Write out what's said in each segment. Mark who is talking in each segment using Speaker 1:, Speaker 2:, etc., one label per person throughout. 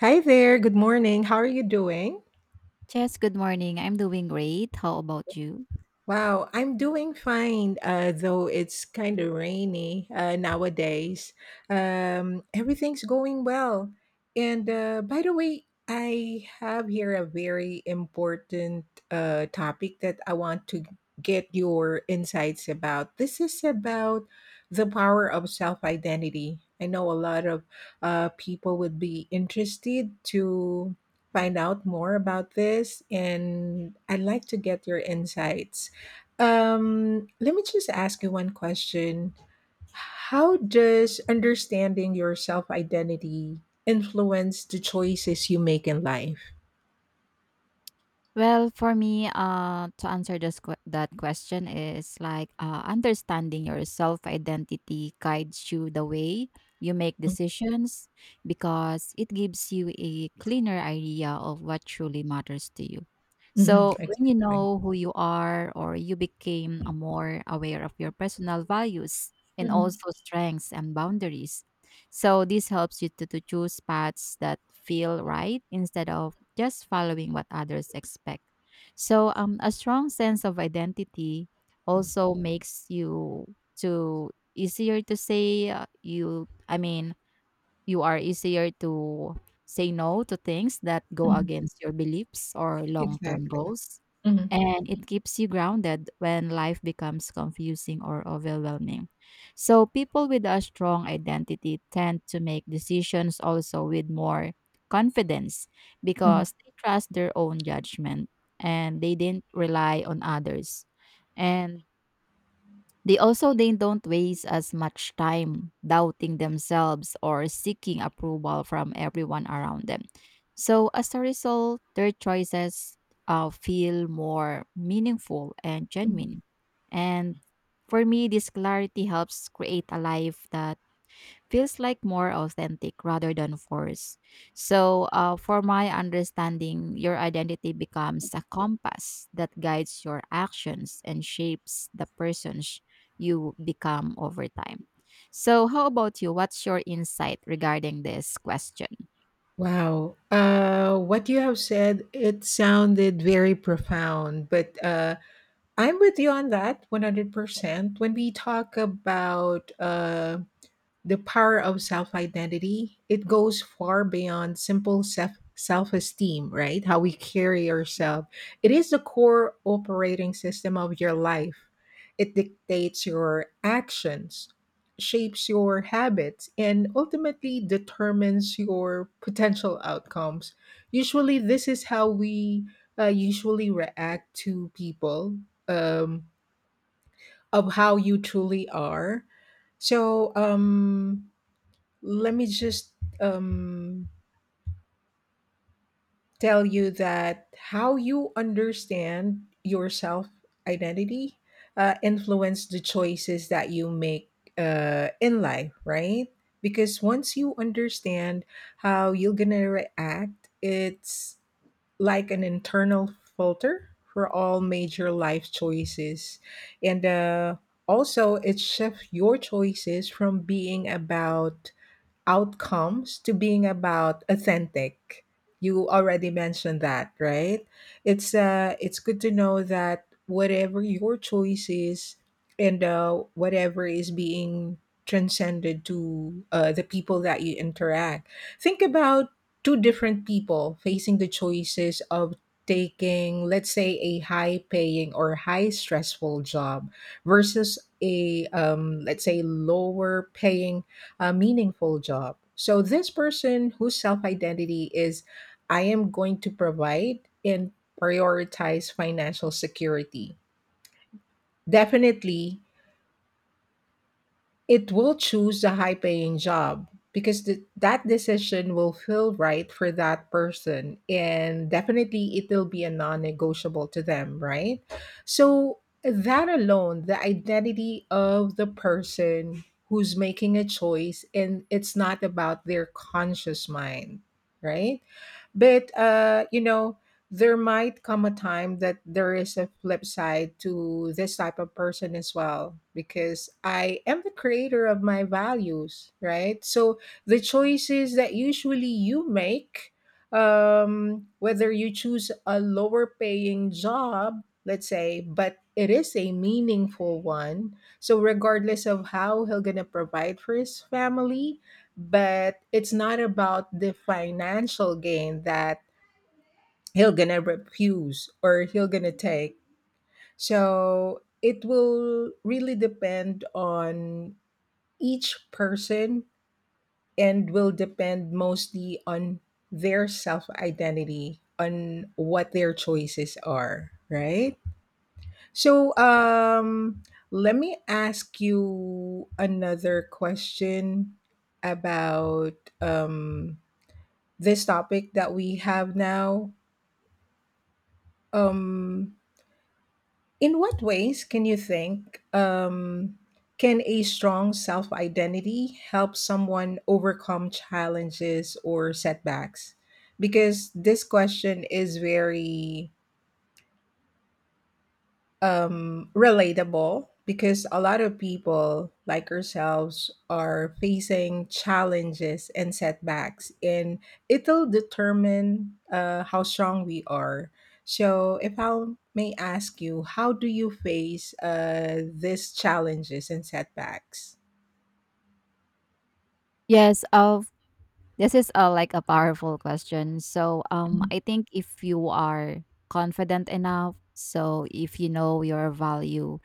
Speaker 1: Hi there. Good morning. How are you doing?
Speaker 2: Jess, good morning. I'm doing great. How about you?
Speaker 1: Wow, I'm doing fine, though it's kind of rainy nowadays. Everything's going well. And By the way, I have here a very important topic that I want to get your insights about. This is about the power of self identity. I know a lot of people would be interested to find out more about this, and I'd like to get your insights. Let me just ask you one question. How does understanding your self identity influence the choices you make in life?
Speaker 2: Well, for me, to answer that question is like understanding your self identity guides you the way you make decisions because it gives you a cleaner idea of what truly matters to you.
Speaker 1: Mm-hmm.
Speaker 2: So, when you
Speaker 1: Exactly.
Speaker 2: know who you are, or you became a more aware of your personal values and
Speaker 1: Mm-hmm.
Speaker 2: also strengths and boundaries. So, this helps you to choose paths that feel right instead of just following what others expect. So, a strong sense of identity also makes you to easier to say you. I mean, you are easier to say no to things that go against your beliefs or long-term
Speaker 1: Exactly.
Speaker 2: goals,
Speaker 1: Mm-hmm.
Speaker 2: and it keeps you grounded when life becomes confusing or overwhelming. So people with a strong identity tend to make decisions also with more confidence because they trust their own judgment and they didn't rely on others. And they also they don't waste as much time doubting themselves or seeking approval from everyone around them. So as a result, their choices feel more meaningful and
Speaker 1: Mm-hmm.
Speaker 2: genuine. And for me, this clarity helps create a life that feels like more authentic rather than forced. So, for my understanding, your identity becomes a compass that guides your actions and shapes the persons you become over time. So, how about you? What's your insight regarding this question?
Speaker 1: Wow. What you have said, it sounded very profound, but I'm with you on that 100%. When we talk about the power of self identity, it goes far beyond simple self esteem, right? How we carry ourselves, it is the core operating system of your life. It dictates your actions, shapes your habits, and ultimately determines your potential outcomes. Usually this is how we usually react to people, um, of how you truly are. So let me just um, tell you that how you understand your self identity influence the choices that you make in life, right? Because once you understand how you're gonna react, it's like an internal filter for all major life choices. And Also it shifts your choices from being about outcomes to being about authentic. You already mentioned that, right? It's good to know that whatever your choice is, and whatever is being transcended to the people that you interact. Think about two different people facing the choices of taking, let's say, a high paying or high stressful job versus a let's say lower paying, a meaningful job. So this person whose self-identity is, I am going to provide and prioritize financial security. Definitely it will choose the high paying job, because that decision will feel right for that person, and definitely it will be a non negotiable to them, right? So that alone, the identity of the person who's making a choice, and it's not about their conscious mind, right? But there might come a time that there is a flip side to this type of person as well, because I am the creator of my values, right? So the choices that usually you make, whether you choose a lower paying job, let's say, but it is a meaningful one. So regardless of how he'll gonna provide for his family, but it's not about the financial gain that he'll gonna refuse or he'll gonna take. So it will really depend on each person, and will depend mostly on their self identity, on what their choices are, right? So let me ask you another question about um this topic that we have now. um In what ways can you think, can a strong self identity help someone overcome challenges or setbacks? Because this question is very relatable, because a lot of people like ourselves are facing challenges and setbacks, and it'll determine how strong we are. So if I may ask you, how do you face these challenges and setbacks?
Speaker 2: Yes, uh, This is a like a powerful question. So I think if you are confident enough, so if you know your value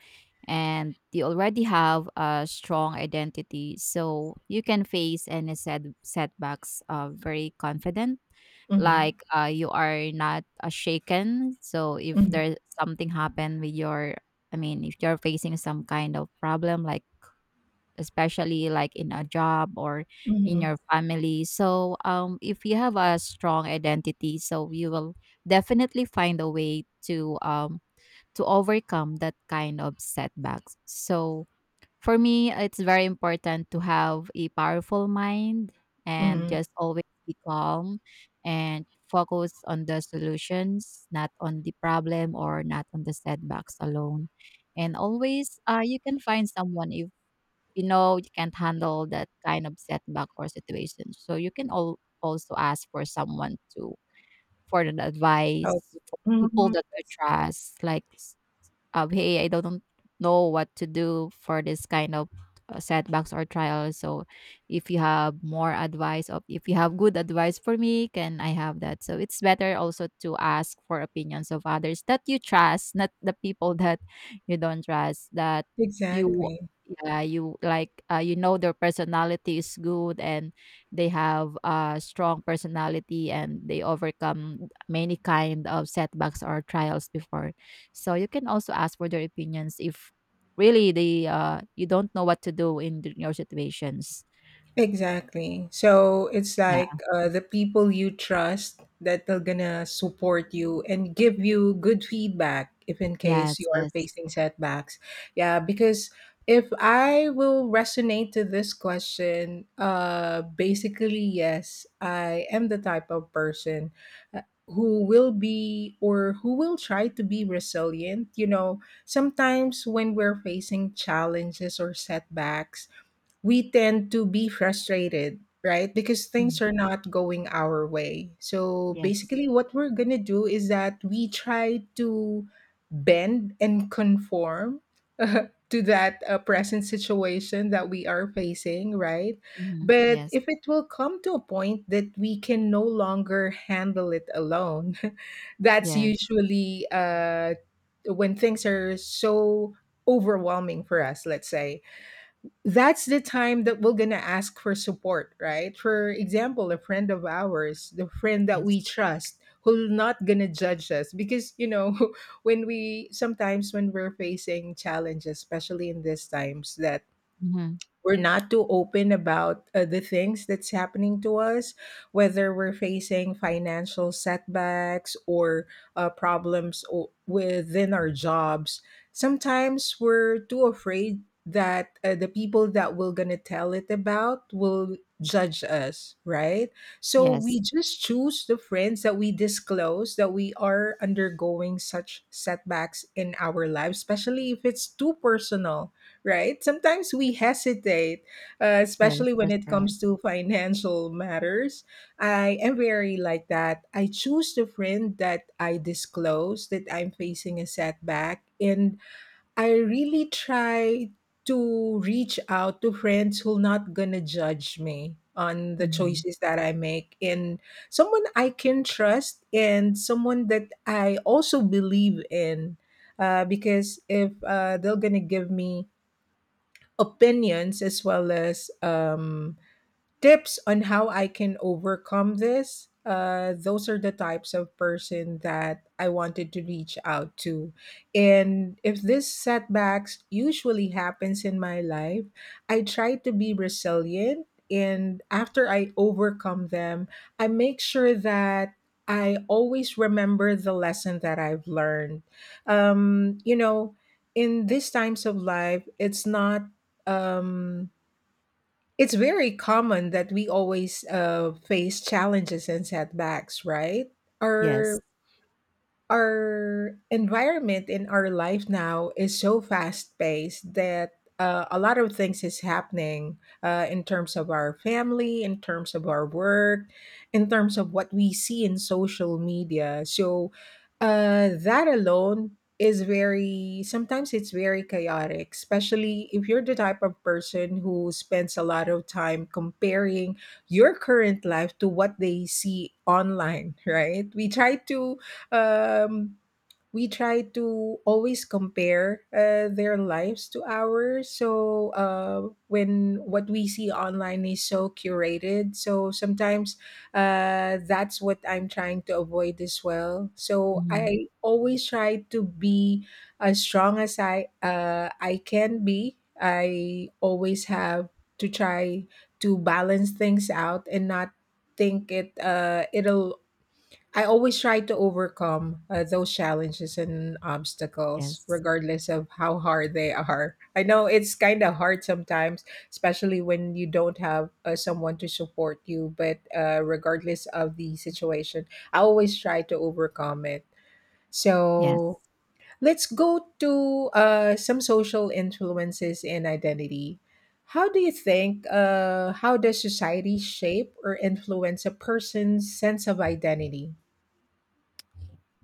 Speaker 2: and you already have a strong identity, so you can face any setbacks very confident. Like
Speaker 1: Mm-hmm.
Speaker 2: you are not shaken. So if
Speaker 1: Mm-hmm.
Speaker 2: there's something happened with your I mean if you're facing some kind of problem like especially like in a job or in
Speaker 1: Mm-hmm.
Speaker 2: your family. So, if you have a strong identity, so you will definitely find a way to overcome that kind of setbacks. So, for me, it's very important to have a powerful mind and
Speaker 1: Mm-hmm.
Speaker 2: just always be calm and focus on the solutions, not on the problem or not on the setbacks alone. And always, you can find someone if you know you can't handle that kind of setback or situation. So you can all also ask for someone to for an advice, for people
Speaker 1: Mm-hmm.
Speaker 2: that you trust, like of hey I don't know what to do for this kind of setbacks or trials. So if you have more advice or if you have good advice for me can I have that? So it's better also to ask for opinions of others that you trust, not the people that you don't trust that you
Speaker 1: Exactly.
Speaker 2: yeah you like you know their personality is good and they have a strong personality and they overcome many kind of setbacks or trials before, so you can also ask for their opinions if really they you don't know what to do in your situations.
Speaker 1: Exactly. So it's
Speaker 2: Yeah.
Speaker 1: like the people you trust that are gonna support you and give you good feedback if in case
Speaker 2: Yes,
Speaker 1: you are
Speaker 2: yes.
Speaker 1: facing setbacks. Yeah, because if I will resonate to this question, basically, yes, I am the type of person uh, who will be or who will try to be resilient. You know, sometimes when we're facing challenges or setbacks, we tend to be frustrated, right? Because things
Speaker 2: Mm,
Speaker 1: are not going our way. So
Speaker 2: yes.
Speaker 1: basically, what we're going to do is that we try to bend and conform to that present situation that we are facing, right?
Speaker 2: Hmm,
Speaker 1: But
Speaker 2: yes.
Speaker 1: if it will come to a point that we can no longer handle it alone, that's
Speaker 2: Yes.
Speaker 1: usually when things are so overwhelming for us, let's say, that's the time that we're going to ask for support, right? For example, a friend of ours, the friend that
Speaker 2: Yes.
Speaker 1: we trust, who's not going to judge us. Because, you know, when we sometimes when we're facing challenges, especially in these times that
Speaker 2: Hmm,
Speaker 1: we're not too open about the things that's happening to us, whether we're facing financial setbacks or problems within our jobs. Sometimes we're too afraid that the people that we're going to tell it about will judge us, right? So we
Speaker 2: yes.
Speaker 1: just choose the friends that we disclose that we are undergoing such setbacks in our lives, especially if it's too personal, right? Sometimes we hesitate,
Speaker 2: Yes.
Speaker 1: especially when
Speaker 2: That's
Speaker 1: it
Speaker 2: right.
Speaker 1: comes to financial matters. I am very like that. I choose the friend that I disclose that I'm facing a setback, and I really try to reach out to friends who not gonna judge me on the
Speaker 2: Hmm,
Speaker 1: choices that I make, and someone I can trust and someone that I also believe in, because if they're gonna give me opinions, as well as tips on how I can overcome this. Those are the types of person that I wanted to reach out to. And if this setbacks usually happens in my life, I try to be resilient. And after I overcome them, I make sure that I always remember the lesson that I've learned. You know, in these times of life, it's not. Um, it's very common that we always face challenges and setbacks, right?
Speaker 2: yes.
Speaker 1: Are Our environment in our life now is so fast paced that a lot of things is happening in terms of our family, in terms of our work, in terms of what we see in social media. So that alone is very, sometimes it's very chaotic, especially if you're the type of person who spends a lot of time comparing your current life to what they see online, right? We try to um, we try to always compare their lives to ours. So when what we see online is so curated, so sometimes that's what I'm trying to avoid as well. So
Speaker 2: Hmm,
Speaker 1: I always try to be as strong as I can be. I always have to try to balance things out and not think it it'll I always try to overcome those challenges and obstacles,
Speaker 2: yes.
Speaker 1: regardless of how hard they are. I know it's kind of hard sometimes, especially when you don't have someone to support you, but regardless of the situation, I always try to overcome it.
Speaker 2: Yes.
Speaker 1: So let's go to some social influences and identity. How do you think, how does society shape or influence a person's sense of identity?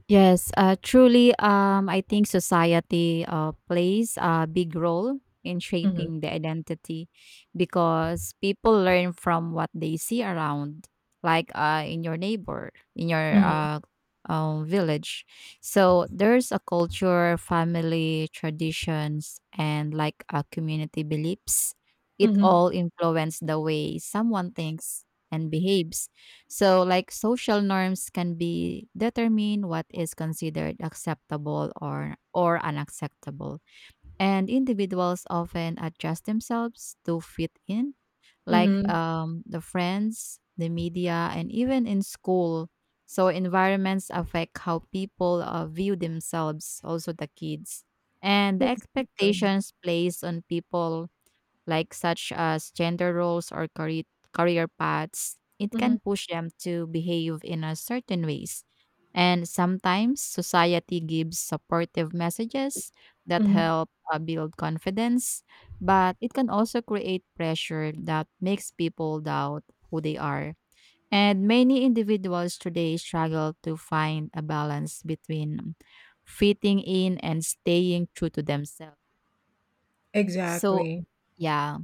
Speaker 2: Yes, truly, I think society plays a big role in
Speaker 1: Mhm.
Speaker 2: shaping the identity because people learn from what they see around, like in your neighbor, in your
Speaker 1: Mhm,
Speaker 2: village. So there's a culture, family, traditions, and like a community beliefs. It
Speaker 1: mhm,
Speaker 2: all influence the way someone thinks and behaves, so, like social norms can be determine what is considered acceptable or unacceptable, and individuals often adjust themselves to fit in, like
Speaker 1: mhm.
Speaker 2: the friends, the media, and even in school. So, environments affect how people view themselves, also the kids, and the
Speaker 1: Exactly.
Speaker 2: expectations placed on people like such as gender roles or career paths, it can
Speaker 1: Mhm,
Speaker 2: push them to behave in a certain ways. And sometimes society gives supportive messages that
Speaker 1: mhm.
Speaker 2: help build confidence, but it can also create pressure that makes people doubt who they are. And many individuals today struggle to find a balance between fitting in and staying true to themselves. So,
Speaker 1: Exactly.
Speaker 2: yeah.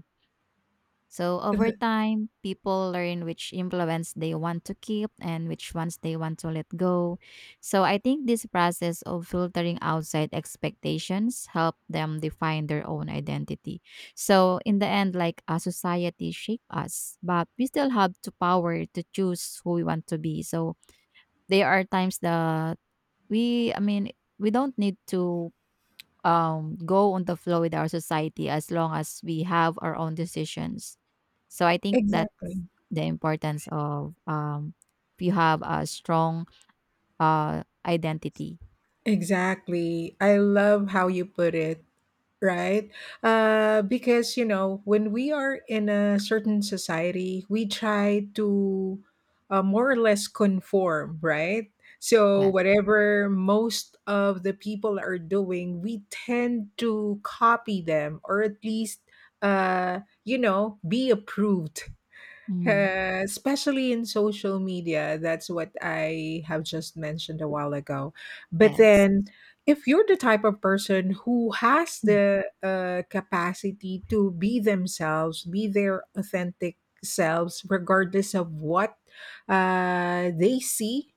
Speaker 2: So over
Speaker 1: Th-
Speaker 2: time, people learn which influence they want to keep and which ones they want to let go. So I think this process of filtering outside expectations help them define their own identity. So in the end, like a society shape us, but we still have the power to choose who we want to be. So there are times that I mean, we don't need to go on the flow with our society as long as we have our own decisions. So I think that
Speaker 1: Exactly.
Speaker 2: the importance of if you have a strong identity.
Speaker 1: Exactly. I love how you put it, right? Because, you know, when we are in a certain society, we try to more or less conform, right? So
Speaker 2: Yes.
Speaker 1: whatever most of the people are doing, we tend to copy them, or at least, uh, be approved.
Speaker 2: Mhm.
Speaker 1: Especially in social media, that's what I have just mentioned a while ago. But
Speaker 2: Yes.
Speaker 1: then, if you're the type of person who has
Speaker 2: Mm,
Speaker 1: the capacity to be themselves, be their authentic selves, regardless of what they see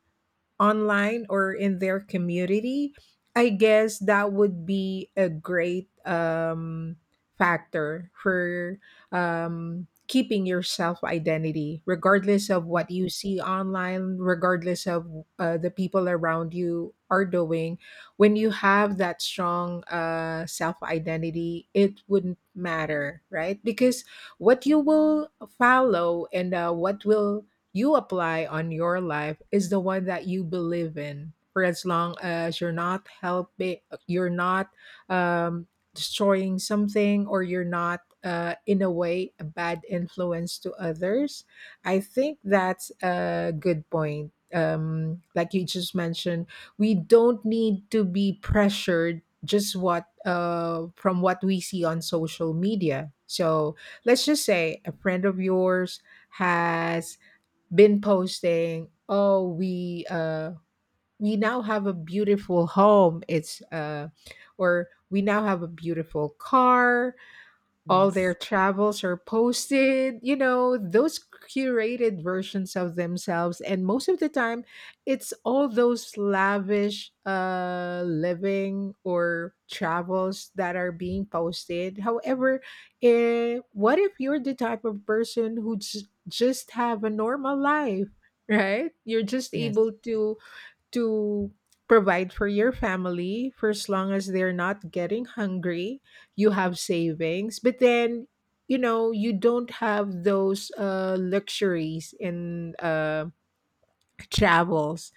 Speaker 1: online or in their community, I guess that would be a great factor for keeping your self identity, regardless of
Speaker 2: mm.
Speaker 1: what you see online, regardless of the people around you are doing. When you have that strong self identity, it wouldn't matter, right? Because what you will follow, and what will you apply on your life is the one that you believe in, for as long as you're not helping, you're not um, destroying something, or you're not in a way a bad influence to others. I think that's a good point, like you just mentioned, we don't need to be pressured just what from what we see on social media. So let's just say a friend of yours has been posting, oh, we now have a beautiful home, it's or we now have a beautiful car, all their
Speaker 2: Yes.
Speaker 1: travels are posted, you know, those curated versions of themselves. And most of the time, it's all those lavish living or travels that are being posted. However, what if you're the type of person who just have a normal life? Right? You're just
Speaker 2: Yes.
Speaker 1: able to to provide for your family for as long as they're not getting hungry. You have savings, but then you know you don't have those luxuries in travels.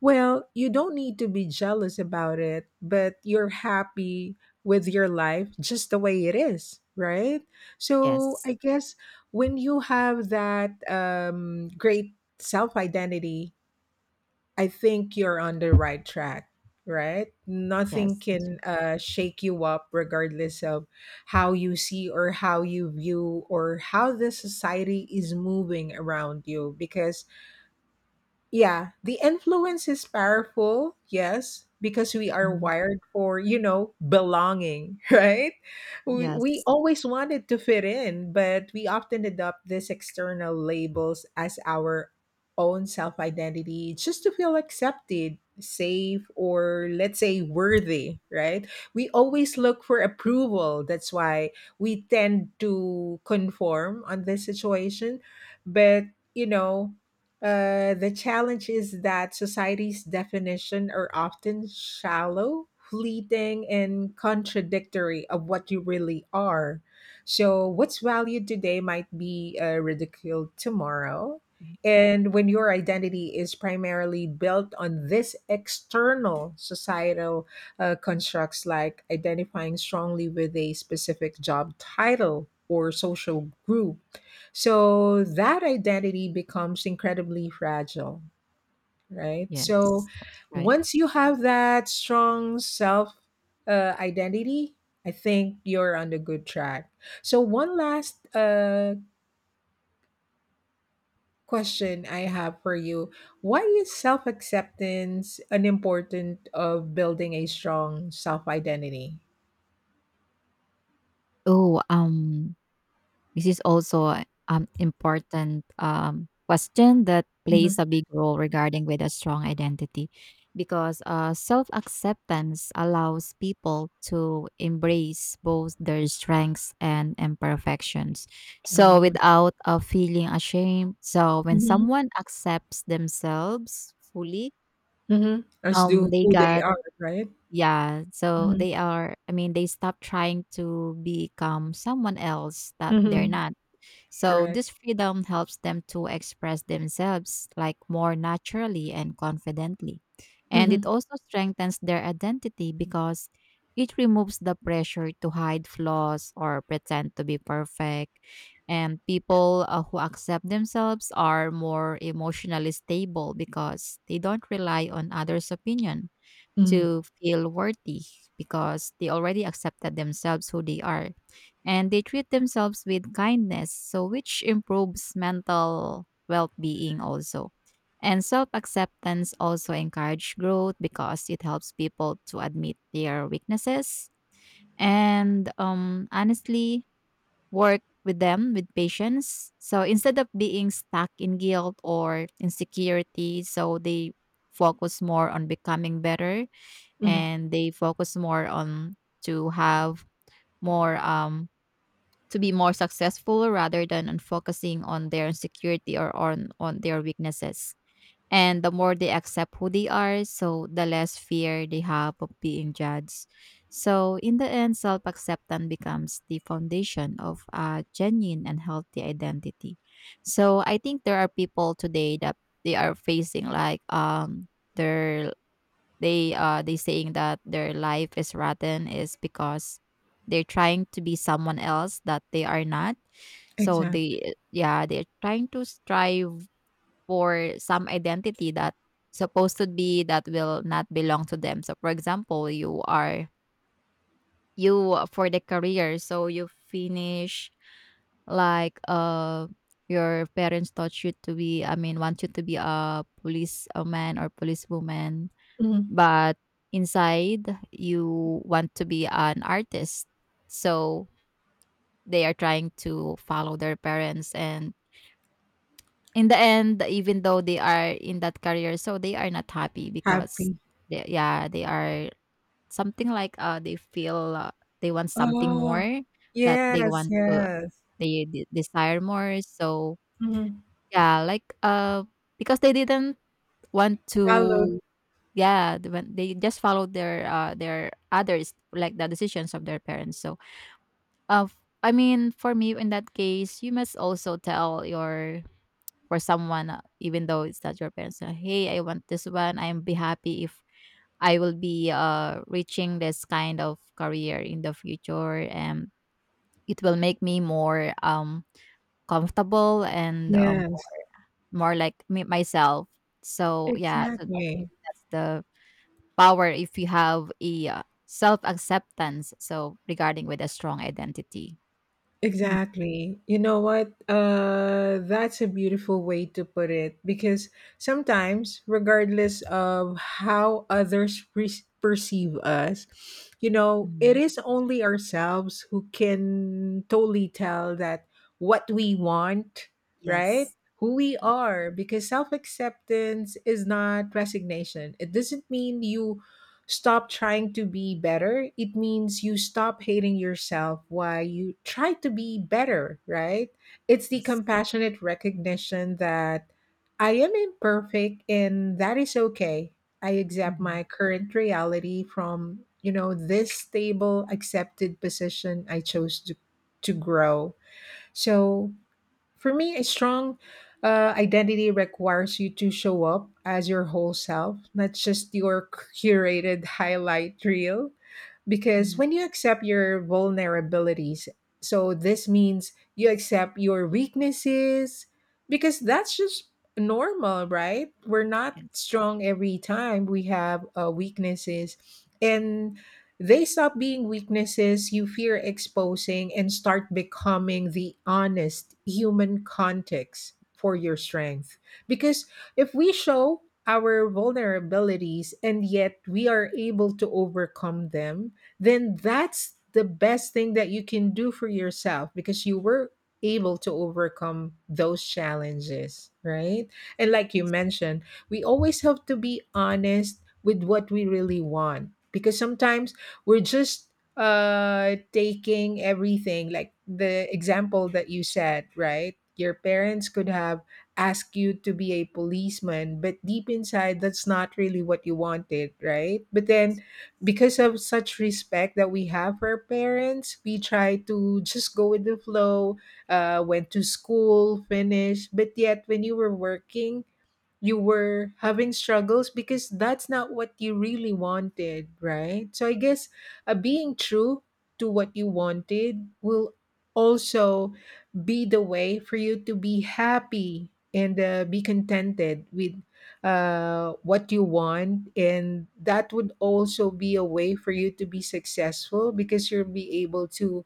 Speaker 1: Well, you don't need to be jealous about it, but you're happy with your life just the way it is, right? So
Speaker 2: Yes.
Speaker 1: I guess when you have that great self identity, I think you're on the right track, right? Nothing
Speaker 2: Yes. That's
Speaker 1: can
Speaker 2: right.
Speaker 1: shake you up, regardless of how you see or how you view or how the society is moving around you. Because yeah, the influence is powerful, yes, because we are
Speaker 2: Mhm.
Speaker 1: wired for, you know, belonging, right? We
Speaker 2: Yes.
Speaker 1: always wanted to fit in, but we often adopt these external labels as our own self identity just to feel accepted, safe, or let's say worthy, right? We always look for approval. That's why we tend to conform on this situation. But, you know, the challenge is that society's definition are often shallow, fleeting, and contradictory of what you really are. So, what's valued today might be ridiculed tomorrow.
Speaker 2: Mm,
Speaker 1: And when your identity is primarily built on this external societal constructs, like identifying strongly with a specific job title or social group, so that identity becomes incredibly fragile, right? So
Speaker 2: yes. That's right.
Speaker 1: once you have that strong self identity, I think you're on the good track. So, one last question I have for you. Why is self acceptance an important of building a strong self identity?
Speaker 2: Oh, this is also an important question that plays a
Speaker 1: Hmm.
Speaker 2: big role regarding with a strong identity, because self-acceptance allows people to embrace both their strengths and imperfections so
Speaker 1: Oh.
Speaker 2: without feeling ashamed. So when
Speaker 1: Hmm.
Speaker 2: someone accepts themselves fully
Speaker 1: Hmm. As to
Speaker 2: they
Speaker 1: who they
Speaker 2: got
Speaker 1: are, right?
Speaker 2: yeah so
Speaker 1: Hmm.
Speaker 2: they are I mean they stop trying to become someone else that they're
Speaker 1: Hmm.
Speaker 2: not, so
Speaker 1: Correct.
Speaker 2: this freedom helps them to express themselves like more naturally and confidently. And it
Speaker 1: Hmm.
Speaker 2: also strengthens their identity because it removes the pressure to hide flaws or pretend to be perfect. And people who accept themselves are more emotionally stable because they don't rely on others' opinion
Speaker 1: Hmm.
Speaker 2: to feel worthy because they already accepted themselves who they are and they treat themselves with kindness so which improves mental well-being also. And self-acceptance also encourage growth because it helps people to admit their weaknesses and honestly work with them with patience so instead of being stuck in guilt or insecurity so they focus more on becoming better and they focus more on to have more to be more successful rather than on focusing on their insecurity or on their weaknesses. And the more they accept who they are so the less fear they have of being judged so in the end self-acceptance becomes the foundation of a genuine and healthy identity. So I think there are people today that they are facing like their they saying that their life is rotten is because they're trying to be someone else that they are not. So
Speaker 1: Exactly.
Speaker 2: they eh, yeah, they're trying to strive for some identity that supposed to be that will not belong to them. So for example, you are you for the career, so you finish like your parents taught you to be I mean want you to be a policeman or policewoman,
Speaker 1: Mhm.
Speaker 2: but inside you want to be an artist. So they are trying to follow their parents and in the end even though they are in that career so they are not happy because
Speaker 1: Happy.
Speaker 2: they, yeah they are something like they feel they want something
Speaker 1: Oh,
Speaker 2: more that they
Speaker 1: yes,
Speaker 2: want to
Speaker 1: yes.
Speaker 2: desire more so
Speaker 1: Mhm.
Speaker 2: yeah like because they didn't want
Speaker 1: Hello.
Speaker 2: to. Yeah, the when they just follow their others, like the decisions of their parents. So, I mean, for me, in that case, you must also tell your for someone, even though it's not your parents, hey, I want this one. I'm be happy if I will be reaching this kind of career in the future, and it will make me more comfortable and
Speaker 1: Yes,
Speaker 2: more like me myself. So yeah, so I think
Speaker 1: exactly.
Speaker 2: that's the power if you have a self-acceptance, so regarding with a strong identity. Mhm,
Speaker 1: Exactly. You know what? That's a beautiful way to put it because sometimes, regardless of how others perceive us, you know, it
Speaker 2: mhm.
Speaker 1: is only ourselves who can totally tell that what we want, right?
Speaker 2: Yes,
Speaker 1: Who we are, because self acceptance is not resignation. It doesn't mean you stop trying to be better, it means you stop hating yourself while you try to be better, right? It's the
Speaker 2: yes.
Speaker 1: compassionate recognition that I am imperfect and that is okay. I accept
Speaker 2: Mhm,
Speaker 1: my current reality from, you know, this stable accepted position I chose to grow. So for me, a strong identity requires you to show up as your whole self, not just your curated highlight reel, because
Speaker 2: mhm.
Speaker 1: when you accept your vulnerabilities, so this means you accept your weaknesses, because that's just normal, right? We're not
Speaker 2: Yes,
Speaker 1: strong every time, we have weaknesses, and they stop being weaknesses you fear exposing and start becoming the honest human context for your strength. Because if we show our vulnerabilities and yet we are able to overcome them, then that's the best thing that you can do for yourself because you were able to overcome those challenges, right? And like you mentioned, we always have to be honest with what we really want because sometimes we're just taking everything, like the example that you said, right? Your parents could have asked you to be a policeman, but deep inside that's not really what you wanted, right? But then because of such respect that we have for our parents, we try to just go with the flow, went to school, finished. But yet, when you were working, you were having struggles because that's not what you really wanted, right? So I guess being true to what you wanted will also be the way for you to be happy and be contented with what you want. And that would also be a way for you to be successful because you'll be able to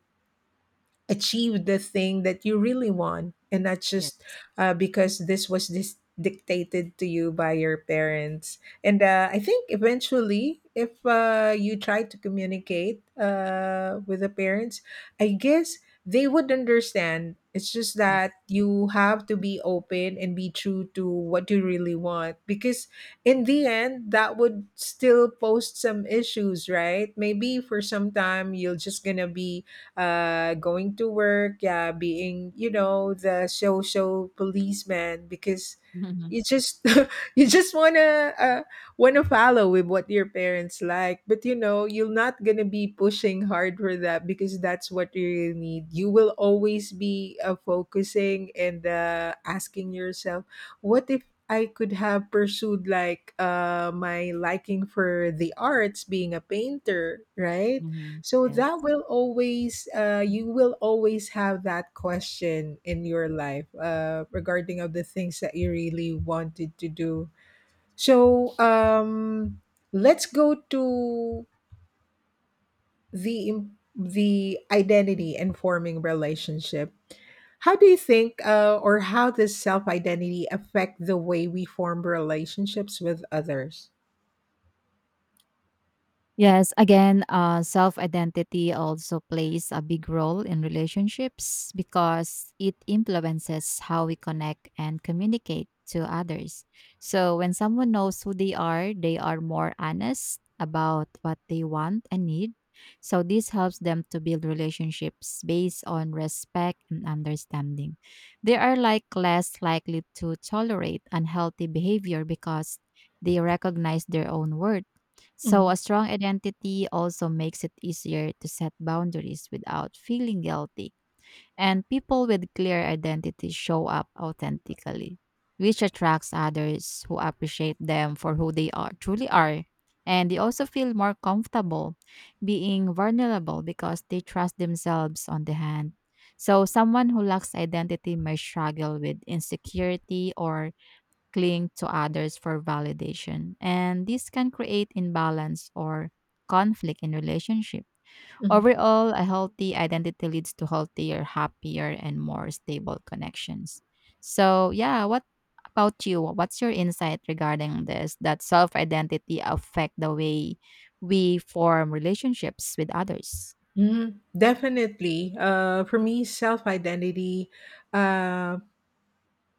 Speaker 1: achieve the thing that you really want and not just
Speaker 2: yes,
Speaker 1: because this was this dictated to you by your parents. And I think eventually if you try to communicate with the parents, I guess they would understand. It's just that
Speaker 2: yes.
Speaker 1: you have to be open and be true to what you really want, because in the end that would still pose some issues, right? Maybe for some time you're just gonna be going to work, yeah, being, you know, the social policeman because
Speaker 2: Mhm,
Speaker 1: you just you just wanna follow with what your parents like, but you know you're not gonna be pushing hard for that because that's what you really need. You will always be focusing and asking yourself, what if I could have pursued like my liking for the arts, being a painter, right?
Speaker 2: mhm.
Speaker 1: So
Speaker 2: Yes.
Speaker 1: that will always, you will always have that question in your life regarding of the things that you really wanted to do. So let's go to the the identity and forming relationship. How do you think, or how does self identity affect the way we form relationships with others?
Speaker 2: Yes, again, self identity also plays a big role in relationships because it influences how we connect and communicate to others. So, when someone knows who they are more honest about what they want and need. So, this helps them to build relationships based on respect and understanding. They are like less likely to tolerate unhealthy behavior because they recognize their own worth.
Speaker 1: Mm-hmm.
Speaker 2: So, a strong identity also makes it easier to set boundaries without feeling guilty. And people with clear identity show up authentically, which attracts others who appreciate them for who they are truly are. And they also feel more comfortable being vulnerable because they trust themselves on the hand. So, someone who lacks identity may struggle with insecurity or cling to others for validation. And this can create imbalance or conflict in relationship.
Speaker 1: Mhm.
Speaker 2: Overall, a healthy identity leads to healthier, happier, and more stable connections. So, yeah, what about you? What's your insight regarding this? That self identity affect the way we form relationships with others.
Speaker 1: Mhm. Definitely. For me, self identity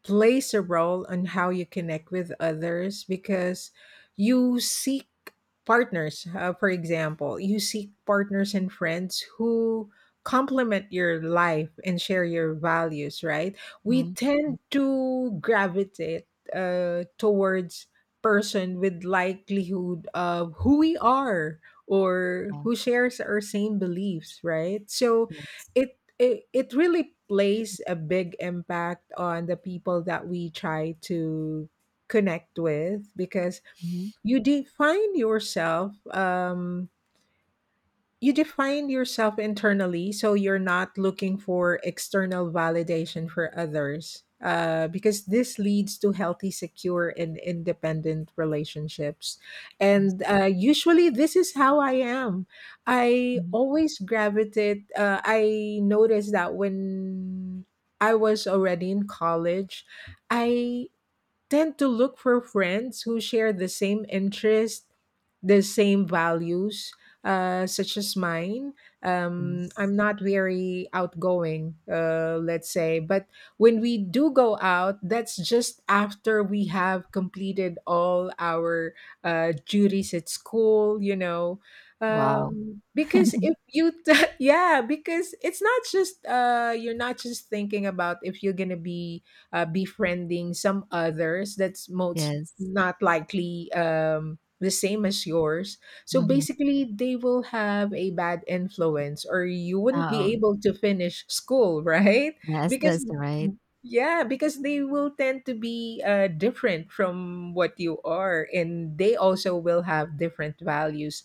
Speaker 1: plays a role on how you connect with others because you seek partners. For example, you seek partners and friends who complement your life and share your values, right? We
Speaker 2: Mhm.
Speaker 1: tend to gravitate towards person with likelihood of who we are or
Speaker 2: Okay.
Speaker 1: who shares our same beliefs, right? So
Speaker 2: Yes.
Speaker 1: it it really plays a big impact on the people that we try to connect with because
Speaker 2: Mhm.
Speaker 1: you define yourself, you define yourself internally, so you're not looking for external validation for others because this leads to healthy secure and independent relationships. And
Speaker 2: Yes.
Speaker 1: usually this is how I am. I
Speaker 2: Mhm.
Speaker 1: always gravitate, I noticed that when I was already in college, I tend to look for friends who share the same interests, the same values, such as mine.
Speaker 2: Yes.
Speaker 1: I'm not very outgoing, let's say, but when we do go out, that's just after we have completed all our duties at school, you know.
Speaker 2: Wow.
Speaker 1: Because if you, yeah, because it's not just, you're not just thinking about if you're going to be befriending some others that's most
Speaker 2: Yes.
Speaker 1: not likely the same as yours. So
Speaker 2: Hmm.
Speaker 1: basically, they will have a bad influence, or you wouldn't be
Speaker 2: Oh,
Speaker 1: able to finish school, right?
Speaker 2: yes,
Speaker 1: Because
Speaker 2: that's right.
Speaker 1: yeah, because they will tend to be different from what you are, and they also will have different values.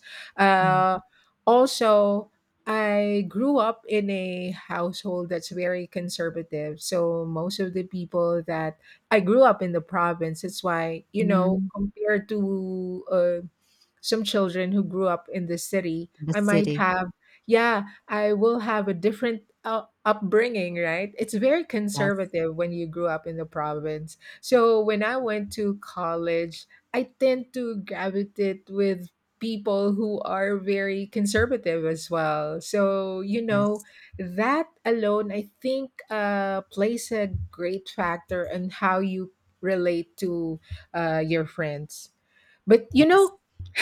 Speaker 2: Mhm.
Speaker 1: Uh, also, I grew up in a household that's very conservative. So most of the people that I grew up in the province, that's why, you know, compared to some children who grew up in this city,
Speaker 2: The
Speaker 1: I might
Speaker 2: city.
Speaker 1: have, yeah, I will have a different upbringing, right? It's very
Speaker 2: Yes,
Speaker 1: conservative when you grew up in the province, so when I went to college, I tend to gravitate with people who are very conservative as well. So you know,
Speaker 2: yes,
Speaker 1: that alone, I think, plays a great factor in how you relate to your friends. But you
Speaker 2: yes,
Speaker 1: know,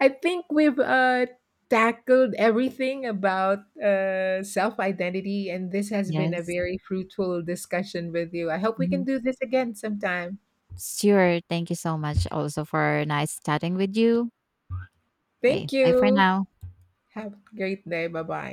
Speaker 1: I think we've tackled everything about self identity, and this has been a
Speaker 2: yes.
Speaker 1: very fruitful discussion with you. I hope we can
Speaker 2: Mhm.
Speaker 1: do this again sometime.
Speaker 2: Sure. Thank you so much also for nice chatting with you. Okay.
Speaker 1: Thank
Speaker 2: Bye for
Speaker 1: you.
Speaker 2: now.
Speaker 1: Have a great day. Bye bye.